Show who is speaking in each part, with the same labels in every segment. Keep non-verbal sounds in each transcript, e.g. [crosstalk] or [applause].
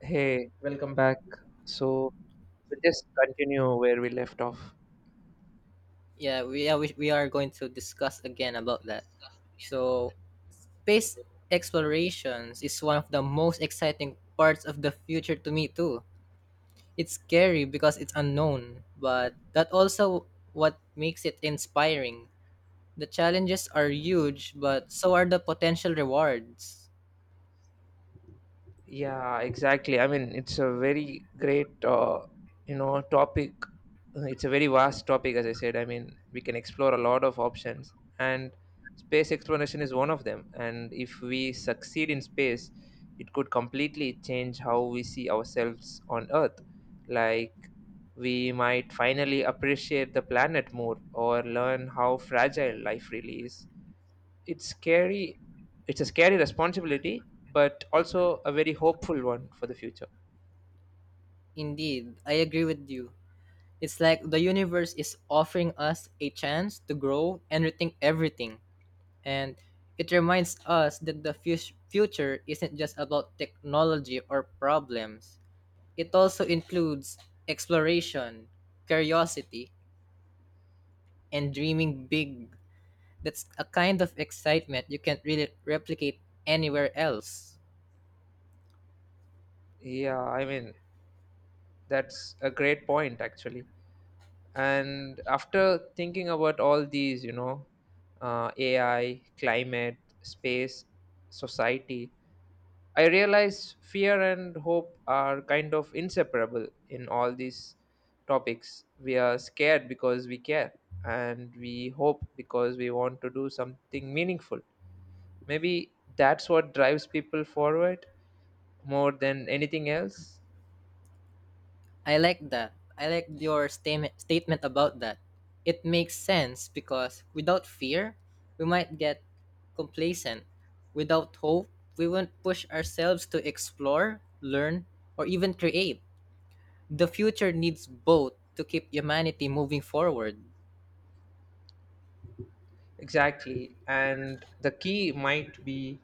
Speaker 1: Hey, welcome back. So we'll just continue where we left off.
Speaker 2: Yeah, we are going to discuss again about that. So, space explorations is one of the most exciting parts of the future to me too. It's scary because it's unknown, but that also what makes it inspiring. The challenges are huge, but so are the potential rewards.
Speaker 1: Yeah, exactly. I mean, it's a very great, topic. It's a very vast topic, as I said. I mean, we can explore a lot of options, and space exploration is one of them. And if we succeed in space, it could completely change how we see ourselves on Earth. Like, we might finally appreciate the planet more or learn how fragile life really is. It's scary. It's a scary responsibility, but also a very hopeful one for the future.
Speaker 2: Indeed, I agree with you. It's like the universe is offering us a chance to grow and rethink everything. And it reminds us that the future isn't just about technology or problems, it also includes exploration, curiosity, and dreaming big. That's a kind of excitement you can't really replicate anywhere else.
Speaker 1: Yeah, I mean, that's a great point, actually. And after thinking about all these, AI, climate, space, society, I realize fear and hope are kind of inseparable in all these topics. We are scared because we care, and we hope because we want to do something meaningful. Maybe that's what drives people forward more than anything else.
Speaker 2: I like that. I like your statement about that. It makes sense because without fear, we might get complacent. Without hope, we won't push ourselves to explore, learn, or even create. The future needs both to keep humanity moving forward.
Speaker 1: Exactly. And the key might be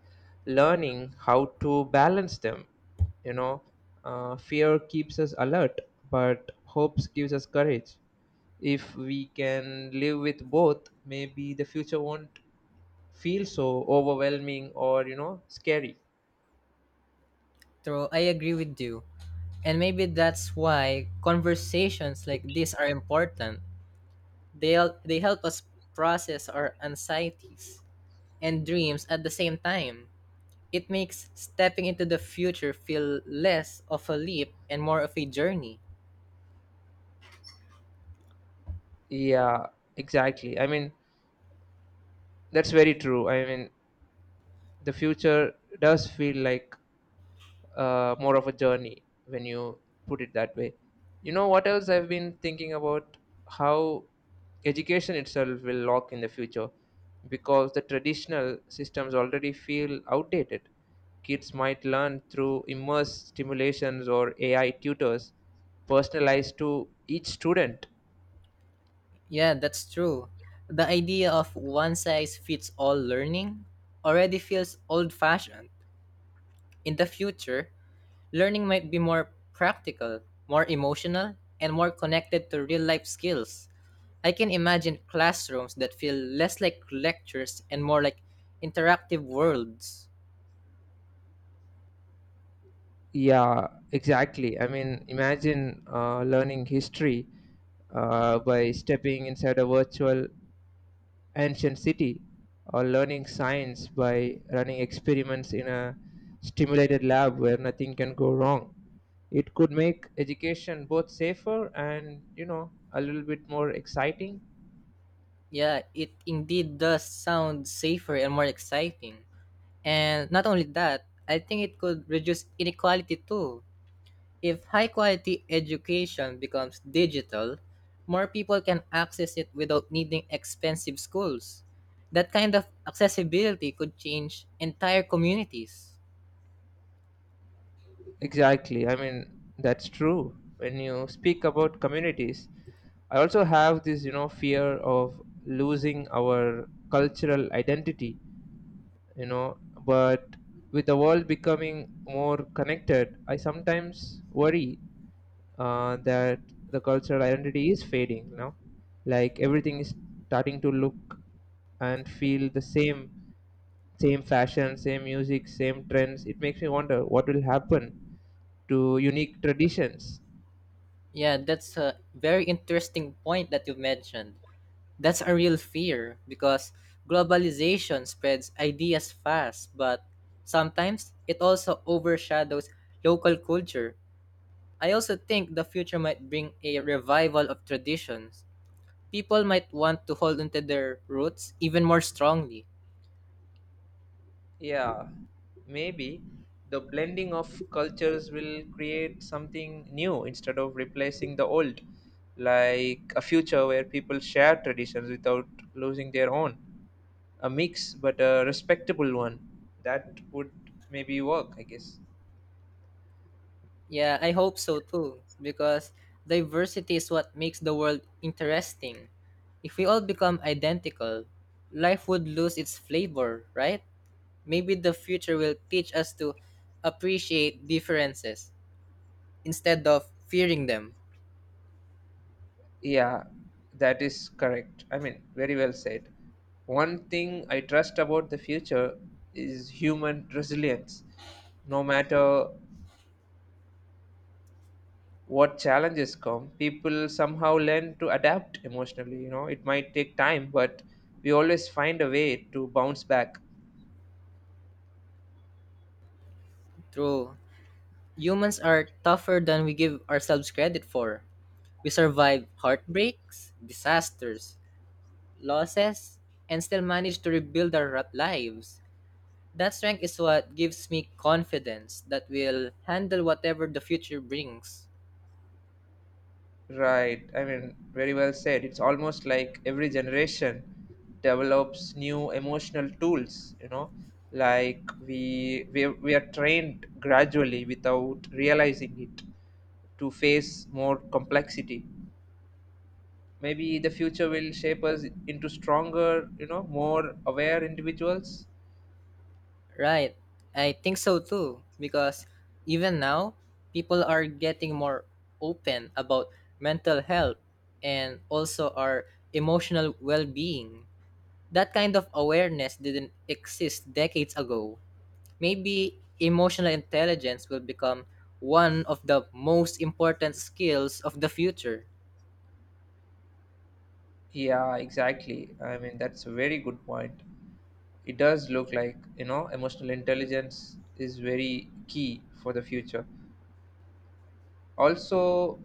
Speaker 1: learning how to balance them. You know, fear keeps us alert, but hopes gives us courage. If we can live with both, maybe the future won't feel so overwhelming or, scary.
Speaker 2: True, I agree with you. And maybe that's why conversations like this are important. They help us process our anxieties and dreams at the same time. It makes stepping into the future feel less of a leap and more of a journey.
Speaker 1: Yeah, exactly. I mean, that's very true. I mean, the future does feel like more of a journey when you put it that way. You know what else I've been thinking about? How education itself will lock in the future because the traditional systems already feel outdated. Kids might learn through immersed stimulations or AI tutors personalized to each student.
Speaker 2: Yeah, that's true. The idea of one size fits all learning already feels old fashioned. In the future, learning might be more practical, more emotional, and more connected to real life skills. I can imagine classrooms that feel less like lectures and more like interactive worlds.
Speaker 1: Yeah, exactly. I mean, imagine learning history by stepping inside a virtual ancient city or learning science by running experiments in a stimulated lab where nothing can go wrong. It could make education both safer and a little bit more exciting.
Speaker 2: Yeah, it indeed does sound safer and more exciting. And not only that, I think it could reduce inequality too. If high quality education becomes digital, more people can access it without needing expensive schools. That kind of accessibility could change entire communities.
Speaker 1: Exactly. I mean, that's true when you speak about communities. I also have this fear of losing our cultural identity, you know but with the world becoming more connected, I sometimes worry that the cultural identity is fading now. Like everything is starting to look and feel the same. Same fashion, same music, same trends. It makes me wonder what will happen to unique traditions.
Speaker 2: Yeah, that's a very interesting point that you mentioned. That's a real fear because globalization spreads ideas fast, but sometimes it also overshadows local culture. I also think the future might bring a revival of traditions. People might want to hold onto their roots even more strongly.
Speaker 1: Yeah, maybe the blending of cultures will create something new instead of replacing the old, like a future where people share traditions without losing their own. A mix, but a respectable one. That would maybe work, I guess.
Speaker 2: Yeah, I hope so too, because diversity is what makes the world interesting. If we all become identical, life would lose its flavor, right? Maybe the future will teach us to appreciate differences instead of fearing them.
Speaker 1: Yeah, that is correct. I mean, very well said. One thing I trust about the future is human resilience. No matter what challenges come, people somehow learn to adapt emotionally. It might take time, but we always find a way to bounce back.
Speaker 2: True. Humans are tougher than we give ourselves credit for. We survived heartbreaks, disasters, losses, and still managed to rebuild our lives. That strength is what gives me confidence that we'll handle whatever the future brings.
Speaker 1: Right. I mean, very well said. It's almost like every generation develops new emotional tools, like we are trained gradually without realizing it to face more complexity. Maybe the future will shape us into stronger, more aware individuals.
Speaker 2: Right. I think so too, because even now, people are getting more open about mental health and also our emotional well being. That kind of awareness didn't exist decades ago. Maybe emotional intelligence will become one of the most important skills of the future.
Speaker 1: Yeah, exactly. I mean, that's a very good point. It does look like, emotional intelligence is very key for the future. Also,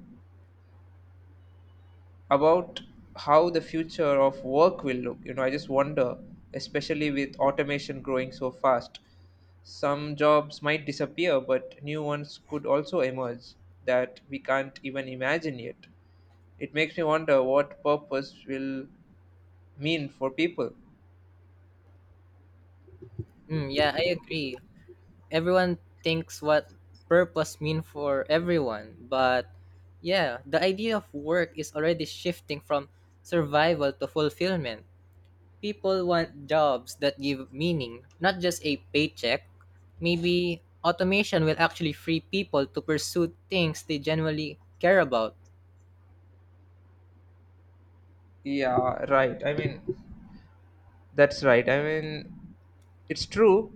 Speaker 1: about how the future of work will look, I just wonder, especially with automation growing so fast. Some jobs might disappear, but new ones could also emerge that we can't even imagine yet. It makes me wonder what purpose will mean for people.
Speaker 2: Mm, yeah, I agree. Everyone thinks what purpose mean for everyone, but yeah, the idea of work is already shifting from survival to fulfillment. People want jobs that give meaning, not just a paycheck. Maybe automation will actually free people to pursue things they genuinely care about.
Speaker 1: Yeah, right. I mean, that's right. I mean, it's true.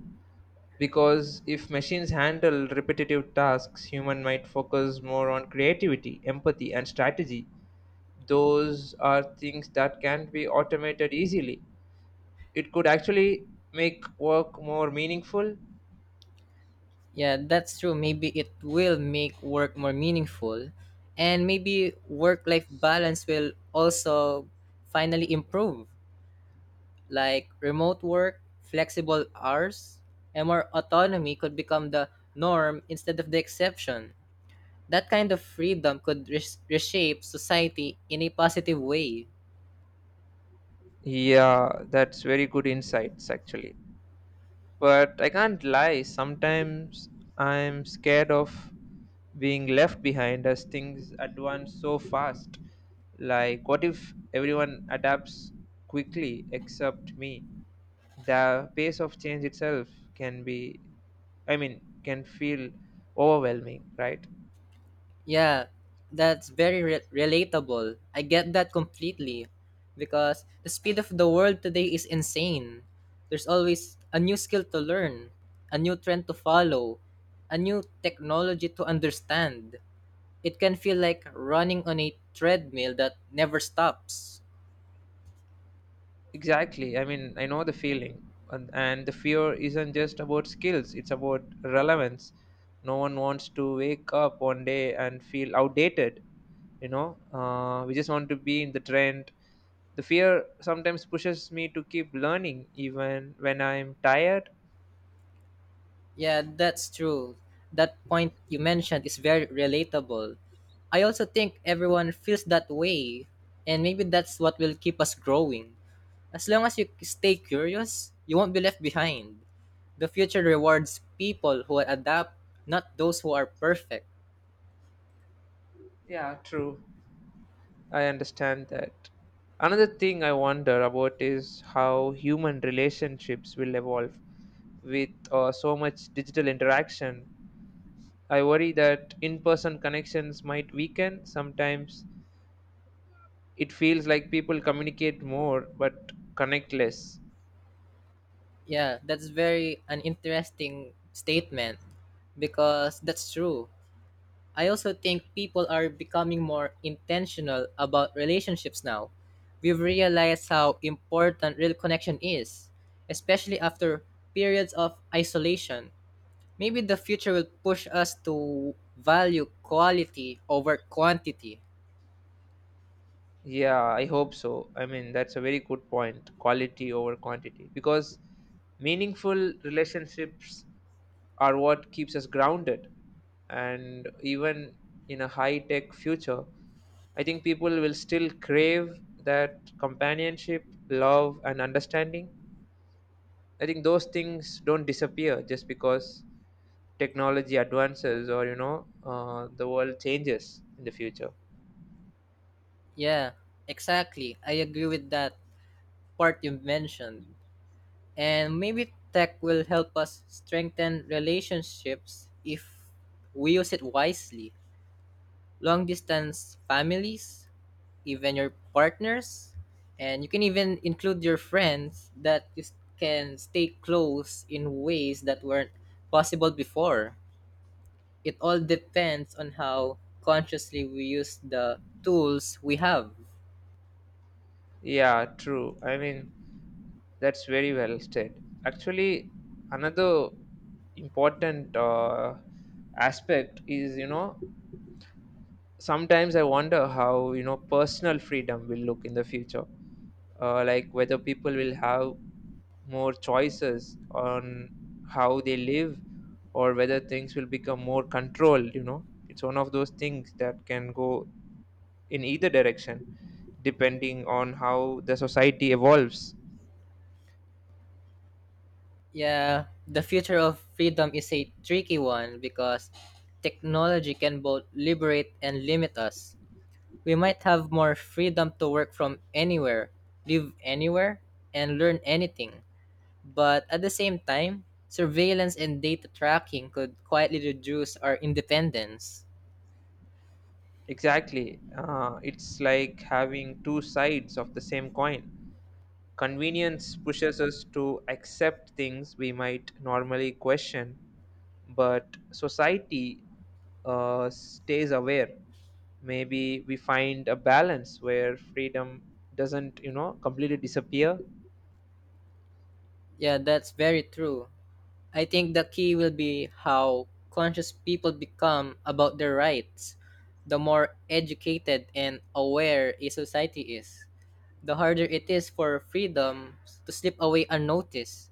Speaker 1: Because if machines handle repetitive tasks, human might focus more on creativity, empathy, and strategy. Those are things that can be automated easily. It could actually make work more meaningful.
Speaker 2: Yeah, that's true. Maybe it will make work more meaningful and maybe work life balance will also finally improve. Like remote work, flexible hours, and more autonomy could become the norm instead of the exception. That kind of freedom could reshape society in a positive way.
Speaker 1: Yeah, that's very good insights actually. But I can't lie, sometimes I'm scared of being left behind as things advance so fast. Like, what if everyone adapts quickly except me? The pace of change itself can be, I mean, can feel overwhelming, right?
Speaker 2: Yeah, that's very relatable. I get that completely because the speed of the world today is insane. There's always a new skill to learn, a new trend to follow, a new technology to understand. It can feel like running on a treadmill that never stops.
Speaker 1: Exactly. I mean, I know the feeling. And the fear isn't just about skills, it's about relevance. No one wants to wake up one day and feel outdated, you know? We just want to be in the trend. The fear sometimes pushes me to keep learning even when I'm tired.
Speaker 2: Yeah, that's true. That point you mentioned is very relatable. I also think everyone feels that way, and maybe that's what will keep us growing. As long as you stay curious, you won't be left behind. The future rewards people who adapt, not those who are perfect.
Speaker 1: Yeah, true. I understand that. Another thing I wonder about is how human relationships will evolve with so much digital interaction. I worry that in person connections might weaken. Sometimes it feels like people communicate more but connect less.
Speaker 2: Yeah, that's very an interesting statement because that's true. I also think people are becoming more intentional about relationships now. We've realized how important real connection is, especially after periods of isolation. Maybe the future will push us to value quality over quantity.
Speaker 1: Yeah, I hope so. I mean, that's a very good point, quality over quantity, because meaningful relationships are what keeps us grounded. And even in a high tech future, I think people will still crave that companionship, love, and understanding. I think those things don't disappear just because technology advances or the world changes in the future.
Speaker 2: Yeah, exactly. I agree with that part you mentioned. And maybe tech will help us strengthen relationships if we use it wisely. Long distance families, even your partners, and you can even include your friends can stay close in ways that weren't possible before. It all depends on how consciously we use the tools we have.
Speaker 1: Yeah, true. I mean, that's very well said. Actually, another important aspect is, sometimes I wonder how personal freedom will look in the future, like whether people will have more choices on how they live or whether things will become more controlled. It's one of those things that can go in either direction depending on how the society evolves.
Speaker 2: Yeah, the future of freedom is a tricky one because technology can both liberate and limit us. We might have more freedom to work from anywhere, live anywhere, and learn anything. But at the same time, surveillance and data tracking could quietly reduce our independence.
Speaker 1: Exactly. It's like having two sides of the same coin. Convenience pushes us to accept things we might normally question, but society stays aware. Maybe we find a balance where freedom doesn't completely disappear.
Speaker 2: Yeah, that's very true. I think the key will be how conscious people become about their rights. The more educated and aware a society is, the harder it is for freedom to slip away unnoticed.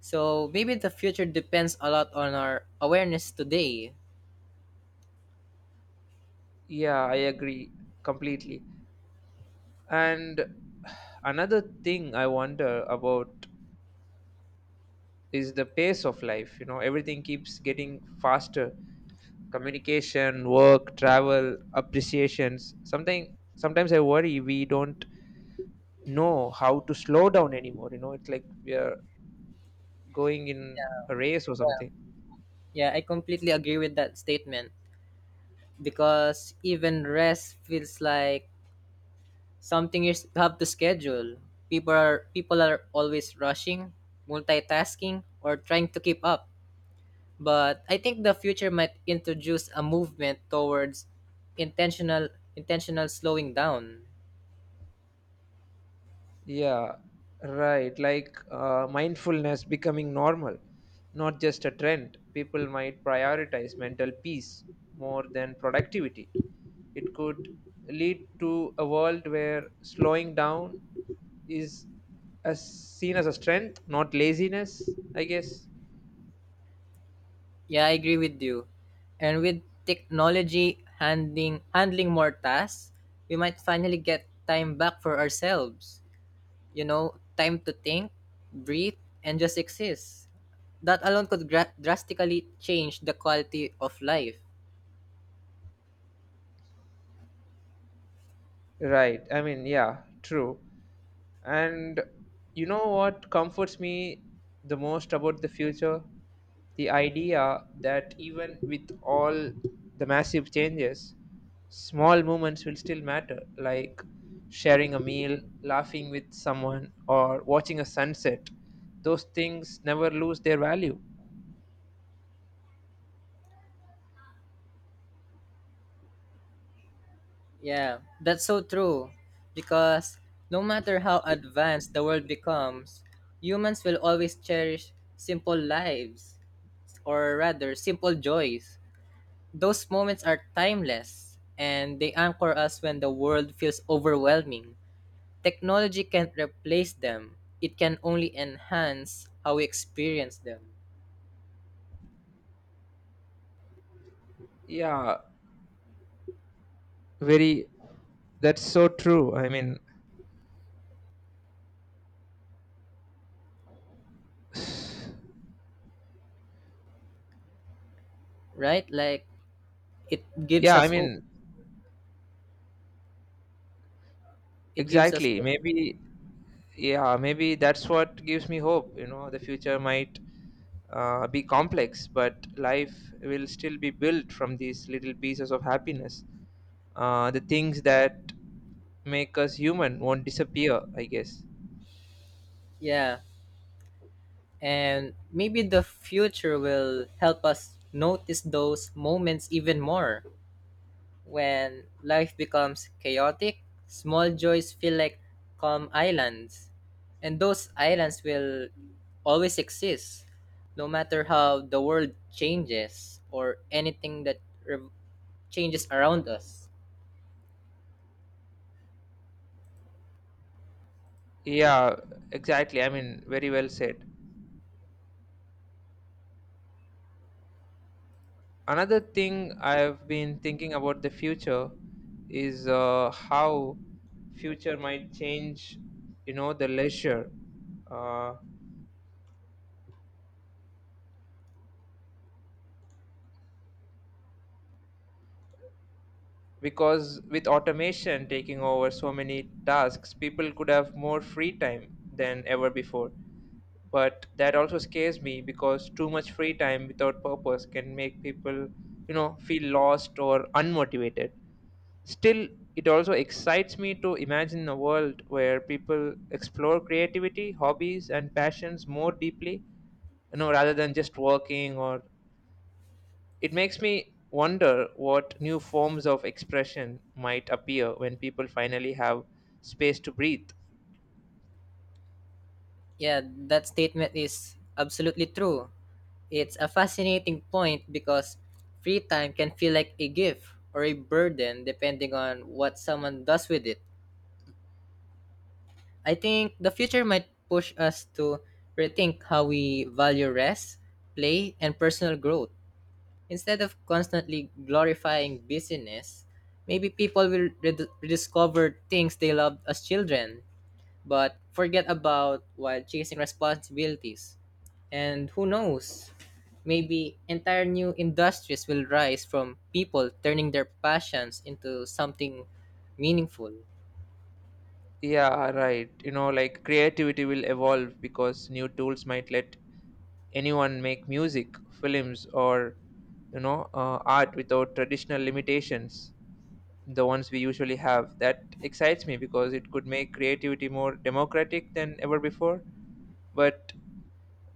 Speaker 2: So maybe the future depends a lot on our awareness today.
Speaker 1: Yeah, I agree completely. And another thing I wonder about is the pace of life. Everything keeps getting faster. Communication, work, travel, appreciations something. Sometimes I worry we don't know how to slow down anymore. It's like we are going in a race or
Speaker 2: Yeah,
Speaker 1: something.
Speaker 2: yeah I completely agree with that statement because even rest feels like something have to schedule. People are always rushing, multitasking, or trying to keep up. But I think the future might introduce a movement towards intentional slowing down.
Speaker 1: Yeah, right. Like mindfulness becoming normal, not just a trend. People might prioritize mental peace more than productivity. It could lead to a world where slowing down is as seen as a strength, not laziness, I guess.
Speaker 2: Yeah, I agree with you. And with technology handling more tasks, we might finally get time back for ourselves. You know, time to think, breathe, and just exist. That alone could drastically change the quality of life.
Speaker 1: Right. I mean, yeah, true. And you know what comforts me the most about the future? The idea that even with all the massive changes, small moments will still matter, like sharing a meal, laughing with someone, or watching a sunset. Those things never lose their value.
Speaker 2: Yeah, that's so true. Because no matter how advanced the world becomes, humans will always cherish simple lives, or rather, simple joys. Those moments are timeless and they anchor us when the world feels overwhelming. Technology can't replace them. It can only enhance how we experience them,
Speaker 1: Yeah, very, that's so true. I mean, [sighs]
Speaker 2: right? Like it gives
Speaker 1: yeah, I
Speaker 2: us hope.
Speaker 1: mean,
Speaker 2: It gives us
Speaker 1: exactly. Maybe that's what gives me hope. The future might be complex, but life will still be built from these little pieces of happiness. The things that make us human won't disappear, I guess.
Speaker 2: yeah. And maybe the future will help us notice those moments even more. When life becomes chaotic, small joys feel like calm islands. And those islands will always exist no matter how the world changes or anything that re- changes around us.
Speaker 1: Yeah, exactly. I mean, very well said. Another thing I've been thinking about the future is how future might change the leisure, uh, because with automation taking over so many tasks, people could have more free time than ever before. But that also scares me because too much free time without purpose can make people feel lost or unmotivated. Still, it also excites me to imagine a world where people explore creativity, hobbies, and passions more deeply, rather than just working, or it makes me wonder what new forms of expression might appear when people finally have space to breathe.
Speaker 2: Yeah, that statement is absolutely true. It's a fascinating point because free time can feel like a gift or a burden depending on what someone does with it. I think the future might push us to rethink how we value rest, play, and personal growth. Instead of constantly glorifying busyness, maybe people will rediscover things they loved as children but forget about while chasing responsibilities. And who knows, maybe entire new industries will rise from people turning their passions into something meaningful.
Speaker 1: Yeah, right. Like creativity will evolve because new tools might let anyone make music, films, or art without traditional limitations, the ones we usually have. That excites me because it could make creativity more democratic than ever before. But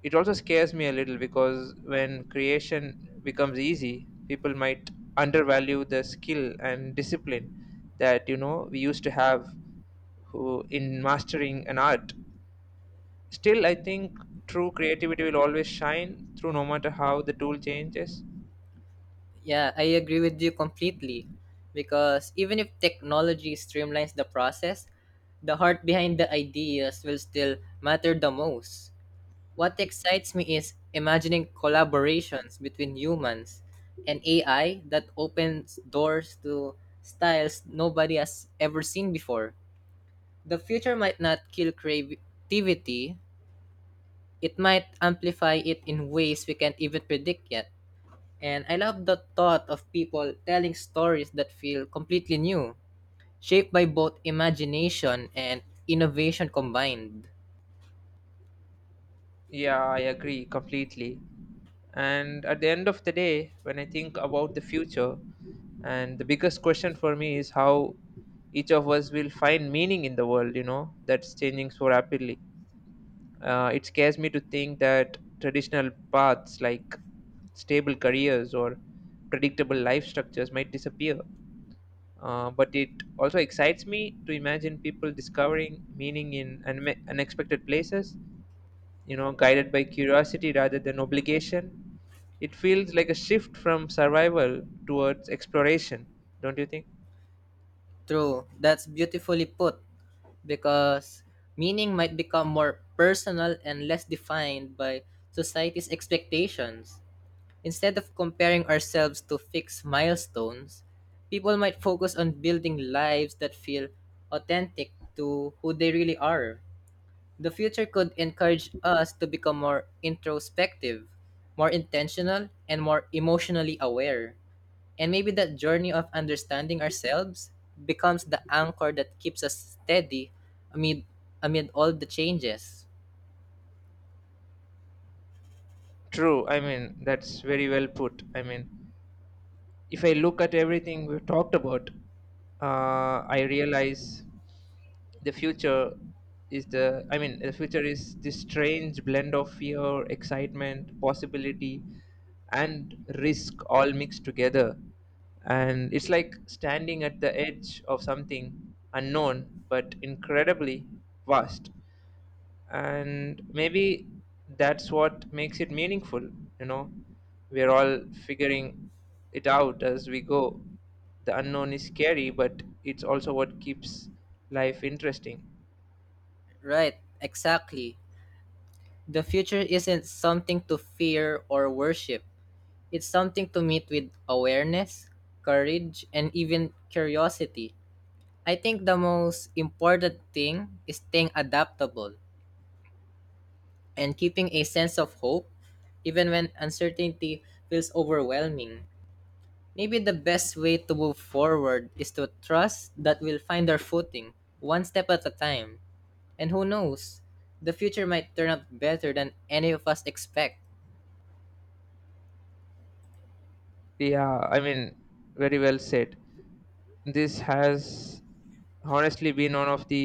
Speaker 1: it also scares me a little because when creation becomes easy, people might undervalue the skill and discipline that we used to have who in mastering an art. Still, I think true creativity will always shine through no matter how the tool changes.
Speaker 2: Yeah, I agree with you completely because even if technology streamlines the process, the heart behind the ideas will still matter the most. What excites me is imagining collaborations between humans and AI that opens doors to styles nobody has ever seen before. The future might not kill creativity, it might amplify it in ways we can't even predict yet. And I love the thought of people telling stories that feel completely new, shaped by both imagination and innovation combined.
Speaker 1: Yeah, I agree completely. And at the end of the day, when I think about the future, and the biggest question for me is how each of us will find meaning in the world, that's changing so rapidly. It scares me to think that traditional paths like stable careers or predictable life structures might disappear. But it also excites me to imagine people discovering meaning in unexpected places, guided by curiosity rather than obligation. It feels like a shift from survival towards exploration, don't you think?
Speaker 2: True. That's beautifully put because meaning might become more personal and less defined by society's expectations. Instead of comparing ourselves to fixed milestones, people might focus on building lives that feel authentic to who they really are. The future could encourage us to become more introspective, more intentional, and more emotionally aware. And maybe that journey of understanding ourselves becomes the anchor that keeps us steady amid amid all the changes.
Speaker 1: True. I mean, that's very well put. I mean, if I look at everything we've talked about, I realize the future is the. I mean, the future is this strange blend of fear, excitement, possibility, and risk all mixed together. And it's like standing at the edge of something unknown but incredibly vast. And maybe that's what makes it meaningful. You know we're all figuring it out as we go. The unknown is scary, but it's also what keeps life interesting.
Speaker 2: Right, exactly. The future isn't something to fear or worship. It's something to meet with awareness, courage, and even curiosity. I think the most important thing is staying adaptable and keeping a sense of hope even when uncertainty feels overwhelming. Maybe the best way to move forward is to trust that we'll find our footing, one step at a time. And who knows, the future might turn out better than any of us expect.
Speaker 1: Yeah, I mean, very well said. This has honestly been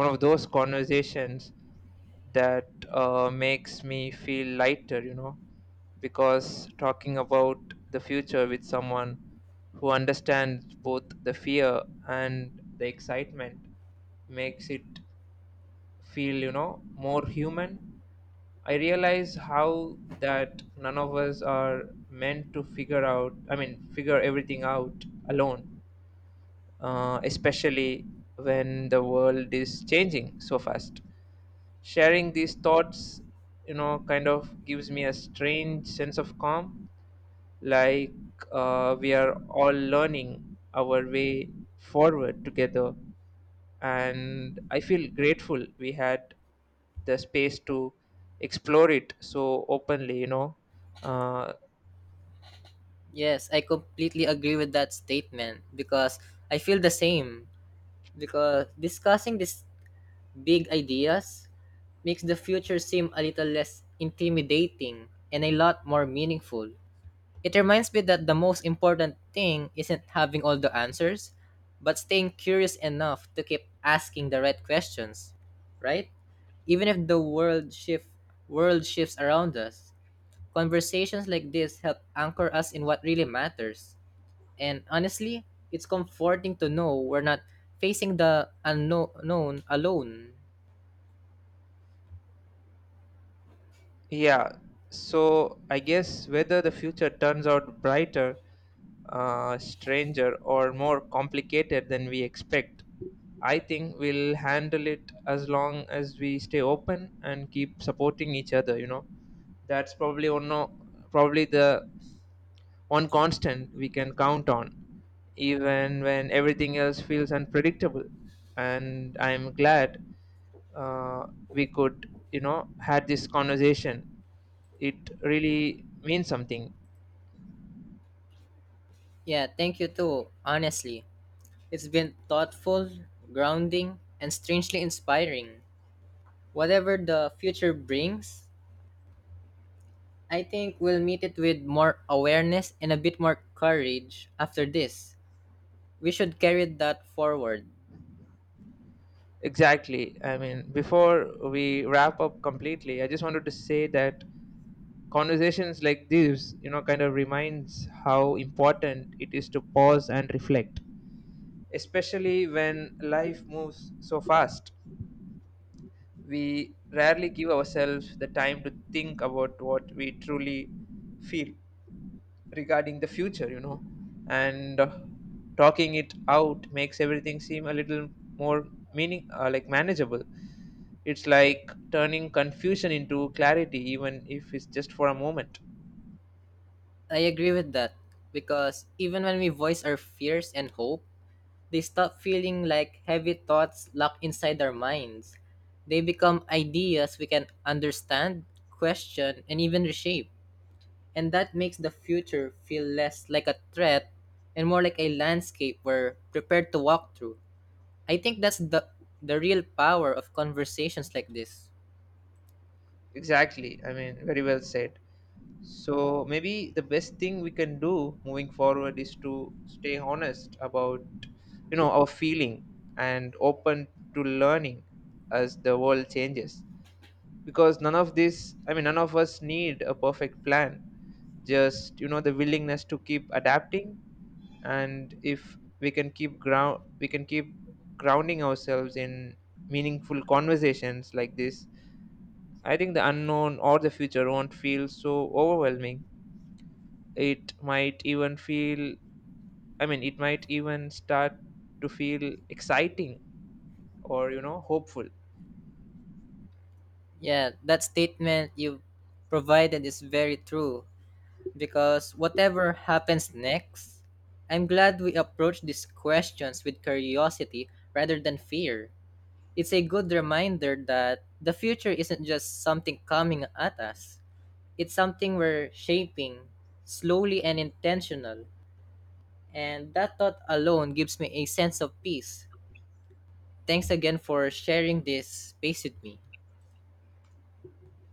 Speaker 1: one of those conversations that makes me feel lighter, because talking about the future with someone who understands both the fear and the excitement makes it feel, more human. I realize how that none of us are meant to I mean, figure everything out alone, especially when the world is changing so fast. Sharing these thoughts, kind of gives me a strange sense of calm, like we are all learning our way forward together. And I feel grateful we had the space to explore it so openly, Uh,
Speaker 2: Yes, I completely agree with that statement because I feel the same. Because discussing these big ideas makes the future seem a little less intimidating and a lot more meaningful. It reminds me that the most important thing isn't having all the answers, but staying curious enough to keep asking the right questions, right? Even if the world shifts around us, conversations like this help anchor us in what really matters. And honestly, it's comforting to know we're not facing the unknown alone.
Speaker 1: Yeah, so I guess whether the future turns out brighter, stranger, or more complicated than we expect, I think we'll handle it as long as we stay open and keep supporting each other. That's probably one, no, probably the one constant we can count on, even when everything else feels unpredictable. And I'm glad uh, we could, had this conversation. It really means something.
Speaker 2: Yeah, thank you too, honestly. It's been thoughtful, grounding, and strangely inspiring. Whatever the future brings, I think we'll meet it with more awareness and a bit more courage after this. We should carry that forward.
Speaker 1: Exactly. I mean, before we wrap up completely, I just wanted to say that conversations like this kind of reminds how important it is to pause and reflect, especially when life moves so fast. We rarely give ourselves the time to think about what we truly feel regarding the future, and talking it out makes everything seem a little more meaning like manageable. It's like turning confusion into clarity, even if it's just for a moment.
Speaker 2: I agree with that because even when we voice our fears and hope, they stop feeling like heavy thoughts locked inside our minds. They become ideas we can understand, question, and even reshape. And that makes the future feel less like a threat and more like a landscape we're prepared to walk through. I think that's the real power of conversations like this.
Speaker 1: Exactly. I mean, very well said. So maybe the best thing we can do moving forward is to stay honest about, our feeling and open to learning as the world changes. Because none of this I mean, none of us need a perfect plan, just the willingness to keep adapting. And if we can keep grounding ourselves in meaningful conversations like this, I think the unknown or the future won't feel so overwhelming. It might even feel, I mean, it might even start to feel exciting, or hopeful.
Speaker 2: Yeah, that statement you provided is very true because whatever happens next, I'm glad we approach these questions with curiosity rather than fear. It's a good reminder that the future isn't just something coming at us. It's something we're shaping slowly and intentional, and that thought alone gives me a sense of peace. Thanks again for sharing this space with me.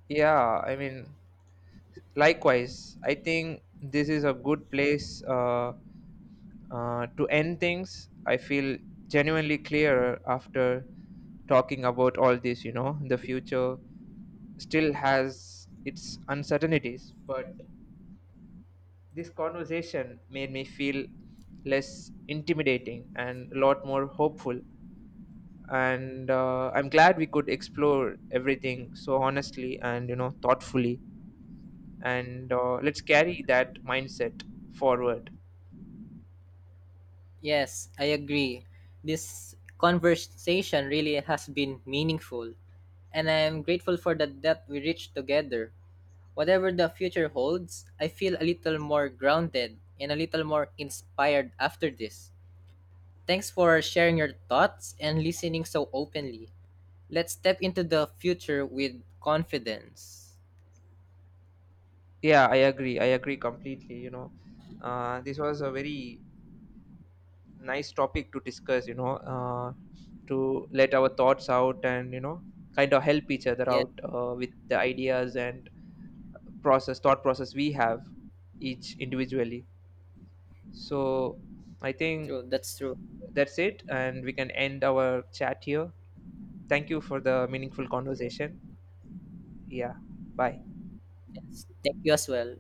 Speaker 1: Yeah, I mean, likewise, I think this is a good place to end things. I feel genuinely clearer after talking about all this. The future still has its uncertainties, but this conversation made me feel less intimidating and a lot more hopeful. And I'm glad we could explore everything so honestly and thoughtfully. And let's carry that mindset forward.
Speaker 2: Yes, I agree. This conversation really has been meaningful, and I am grateful for the depth we reached together. Whatever the future holds, I feel a little more grounded and a little more inspired after this. Thanks for sharing your thoughts and listening so openly. Let's step into the future with confidence.
Speaker 1: Yeah, I agree. I agree completely. This was a very nice topic to discuss, to let our thoughts out and, kind of help each other
Speaker 2: Yeah,
Speaker 1: out with the ideas and thought process we have each individually. So I think
Speaker 2: true. That's true.
Speaker 1: that's it. And we can end our chat here. Thank you for the meaningful conversation. Yeah. Bye.
Speaker 2: Yes. Thank you as well.